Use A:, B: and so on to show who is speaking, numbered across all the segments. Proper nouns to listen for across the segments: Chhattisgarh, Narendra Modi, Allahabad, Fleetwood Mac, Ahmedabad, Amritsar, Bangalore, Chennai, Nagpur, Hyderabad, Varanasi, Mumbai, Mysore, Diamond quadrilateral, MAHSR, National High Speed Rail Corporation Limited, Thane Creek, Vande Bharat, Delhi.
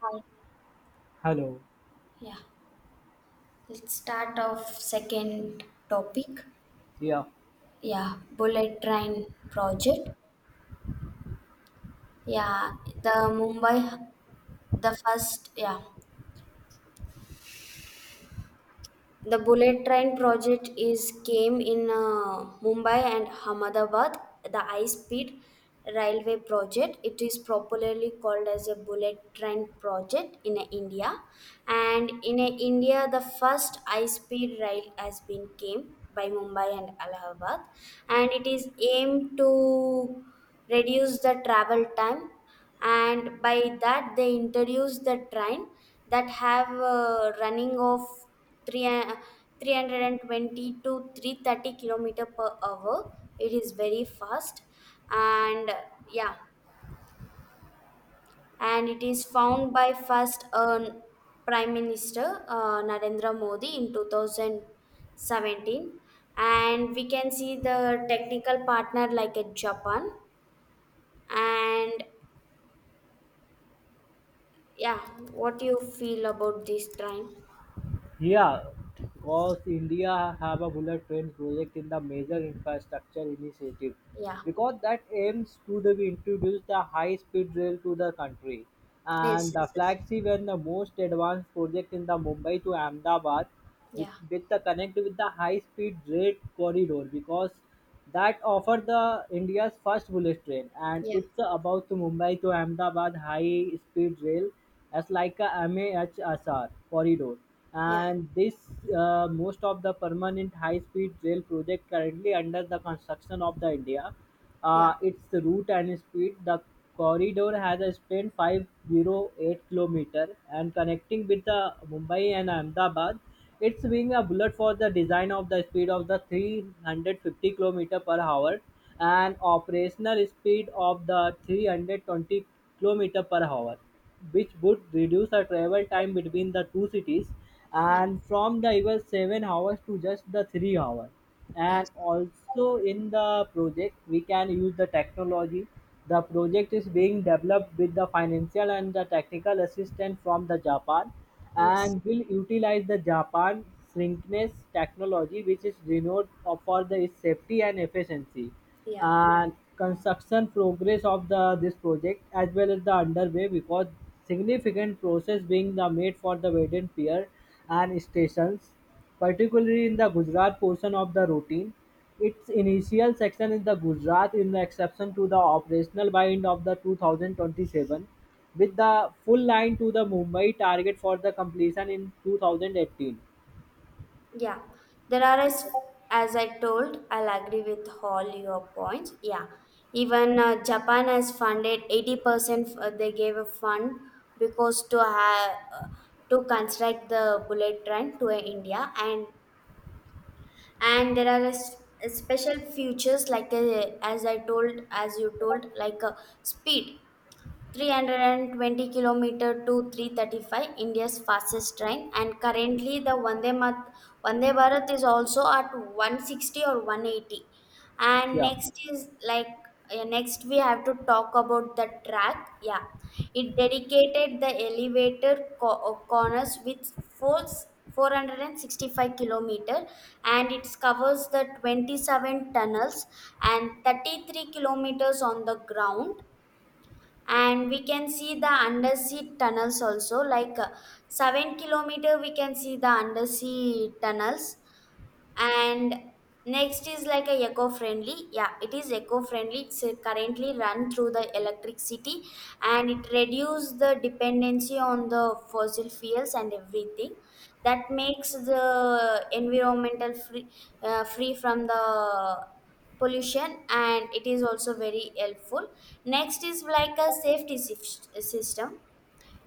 A: Hi.
B: Hello.
A: Yeah, let's start off second topic.
B: Yeah,
A: Yeah, bullet train project. Yeah, the Mumbai, the first. Yeah, the bullet train project is came in Mumbai and Ahmedabad. The high speed railway project it is popularly called as a bullet train project in India, and in India the first high speed rail has been came by Mumbai and Allahabad, and it is aimed to reduce the travel time, and by that they introduce the train that have running of 3 uh, 320 to 330 kilometer per hour. It is very fast, and yeah and it is found by first prime minister Narendra Modi in 2017, and we can see the technical partner like a Japan and yeah. What do you feel about this train?
B: Yeah, because India have a bullet train project in the major infrastructure initiative,
A: Yeah.
B: because that aims to introduce the high-speed rail to the country,
A: Yes,
B: and the
A: yes, yes.
B: flagship and the most advanced project in the Mumbai to Ahmedabad with,
A: Yeah.
B: with the connect with the high speed rate corridor because that offer the India's first bullet train and
A: Yeah.
B: it's about to Mumbai to Ahmedabad high speed rail as like a MAHSR corridor.
A: Yeah.
B: And this most of the permanent high speed rail project currently under the construction of the India,
A: Yeah.
B: its route and speed, the corridor has a span 508 kilometer and connecting with the Mumbai and Ahmedabad. It's being a bullet for the design of the speed of the 350 kilometer per hour and operational speed of the 320 kilometer per hour, which would reduce the travel time between the two cities
A: Yeah.
B: and from the even 7 hours to just the 3 hours. And also in the project, we can use the technology. The project is being developed with the financial and the technical assistance from the Japan
A: Yes.
B: and will utilize the Japan shrinkless technology, which is renowned for the, its safety and efficiency.
A: Yeah.
B: And construction progress of the this project as well as the underway because significant process being the made for the Vedan Pier and stations, particularly in the Gujarat portion of the routine. Its initial section in the Gujarat in the exception to the operational by end of the 2027, with the full line to the Mumbai target for the completion in 2018.
A: Yeah. There are as I told, I'll agree with all your points. Yeah. Even Japan has funded 80% they gave a fund because to have to construct the bullet train to India, and there are special features like as I told as you told like speed 320 kilometer to 335, india's fastest train, and currently the vande bharat is also at 160 or 180. And
B: Yeah.
A: next is like next we have to talk about the track, yeah. It dedicated the elevator corners with four, 465 kilometer, and it covers the 27 tunnels and 33 kilometers on the ground, and we can see the undersea tunnels also like 7 kilometer we can see the undersea tunnels. And next is like a eco-friendly, yeah, it is eco-friendly. It's currently run through the electricity, and it reduce the dependency on the fossil fuels and everything, that makes the environmental free, free from the pollution, and it is also very helpful. Next is like a safety system.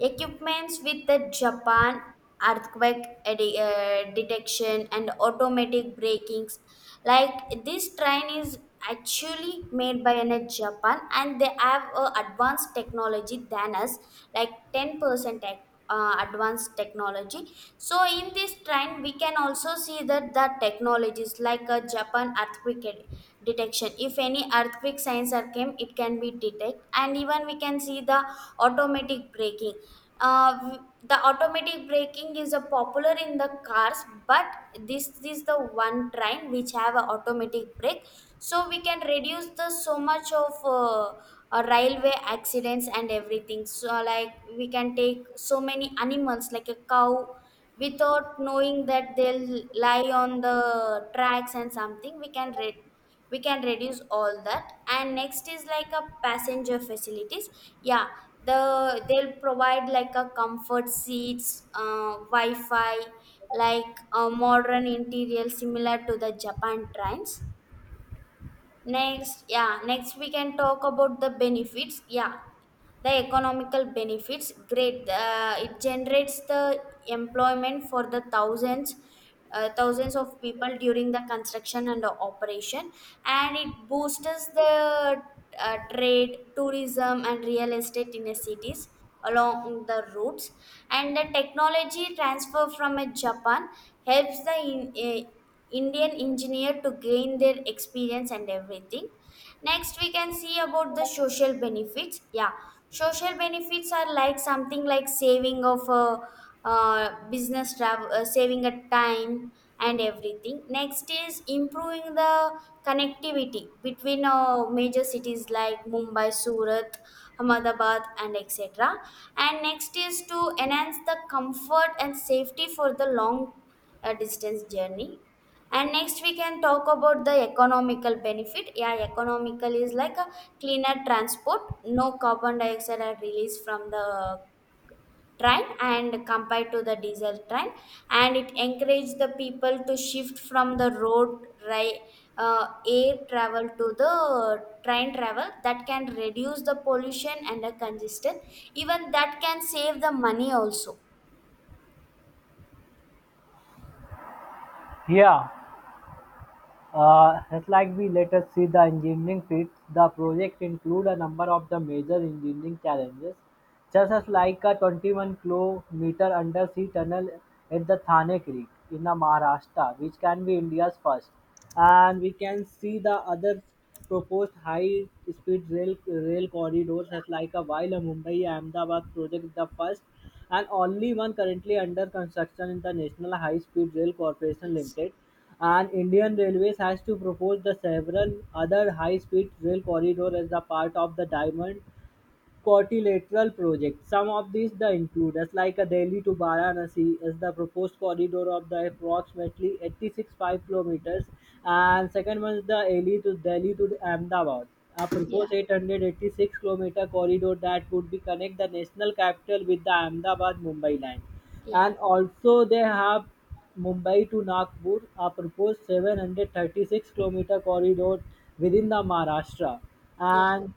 A: Equipments with the Japan earthquake detection and automatic brakings. Like, this train is actually made by a Japan, and they have advanced technology than us, like 10% tech, advanced technology. So in this train, we can also see that the technologies like a Japan earthquake detection. If any earthquake signs are came, it can be detect, and even we can see the automatic braking. Uh, The automatic braking is a popular in the cars, but this is the one train which have a automatic brake, so we can reduce the so much of railway accidents and everything. So like, we can take so many animals like a cow, without knowing that they'll lie on the tracks and something, we can we can reduce all that. And next is like a passenger facilities, yeah. They'll provide like a comfort seats, wi-fi, like a modern interior similar to the Japan trains. Next, yeah, next we can talk about the benefits. Yeah, the economical benefits. Great, it generates the employment for the thousands of people during the construction and the operation, and it boosts the trade, tourism, and real estate in the cities along the routes. And the technology transfer from Japan helps the uh, Indian engineer to gain their experience and everything. Next, we can see about the social benefits. Yeah, social benefits are like something like saving of a business travel, saving a time and everything. Next is improving the connectivity between major cities like Mumbai, Surat, Ahmedabad, and etc. And next is to enhance the comfort and safety for the long distance journey. And next we can talk about the economical benefit, yeah. Economical is like a cleaner transport, no carbon dioxide are released from the train and compared to the diesel train, and it encouraged the people to shift from the air travel to the train travel, that can reduce the pollution and the congestion, even that can save the money also.
B: Yeah, just like we let us see the engineering feats, the project include a number of the major engineering challenges. Just as like a 21-kilometer undersea tunnel at the Thane Creek in the Maharashtra, which can be India's first. And we can see the other proposed high-speed rail corridors, as like a while a Mumbai-Ahmedabad project, is the first and only one currently under construction in the National High Speed Rail Corporation Limited. And Indian Railways has to propose the several other high speed rail corridors as the part of the Diamond quadrilateral project. Some of these the include as like a Delhi to Varanasi, is the proposed corridor of the approximately 865 kilometers, and second one is the Delhi to Ahmedabad. A
A: Yeah,
B: proposed 886-kilometer corridor that would be connect the national capital with the Ahmedabad Mumbai line,
A: yeah,
B: and also they have Mumbai to Nagpur, a proposed 736-kilometer corridor within the Maharashtra.
A: yes.
B: And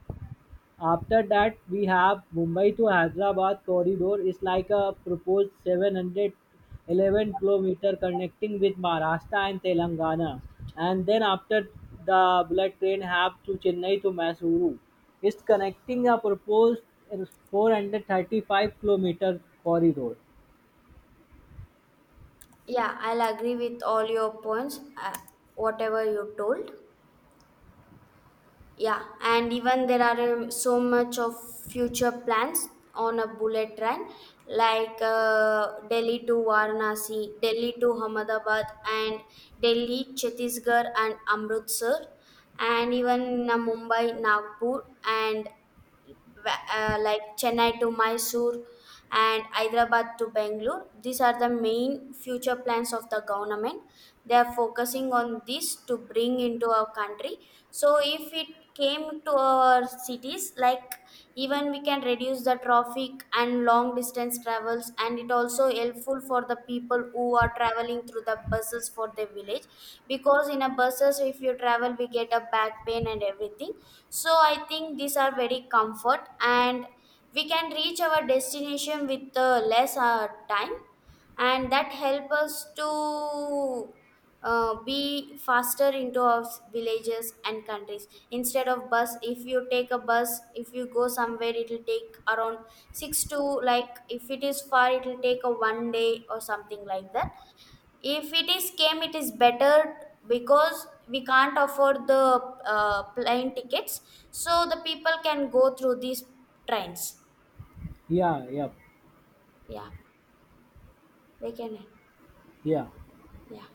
B: after that we have Mumbai to Hyderabad corridor is like a proposed 711-kilometer connecting with Maharashtra and Telangana. And then after, the bullet train have to Chennai to Mysuru. It's connecting a proposed 435-kilometer corridor.
A: Yeah, I'll agree with all your points, whatever you told. Yeah, and even there are so much of future plans on a bullet train, like Delhi to Varanasi, Delhi to Ahmedabad, and Delhi, Chhattisgarh, and Amritsar, and even Mumbai, Nagpur, and like Chennai to Mysore and Hyderabad to Bangalore. These are the main future plans of the government. They are focusing on this to bring into our country. So if it came to our cities, like, even we can reduce the traffic and long distance travels, and it also helpful for the people who are traveling through the buses for their village. Because in a buses, if you travel, we get a back pain and everything. So I think these are very comfort, and we can reach our destination with less time, and that help us to be faster into our villages and countries. Instead of bus, if you take a bus, if you go somewhere, it will take around 6 to, like, if it is far, it will take a one day or something like that. If it is came, it is better, because we can't afford the plane tickets, so the people can go through these trains.
B: Yeah, yeah,
A: Yeah, they can.
B: yeah.
A: Yeah.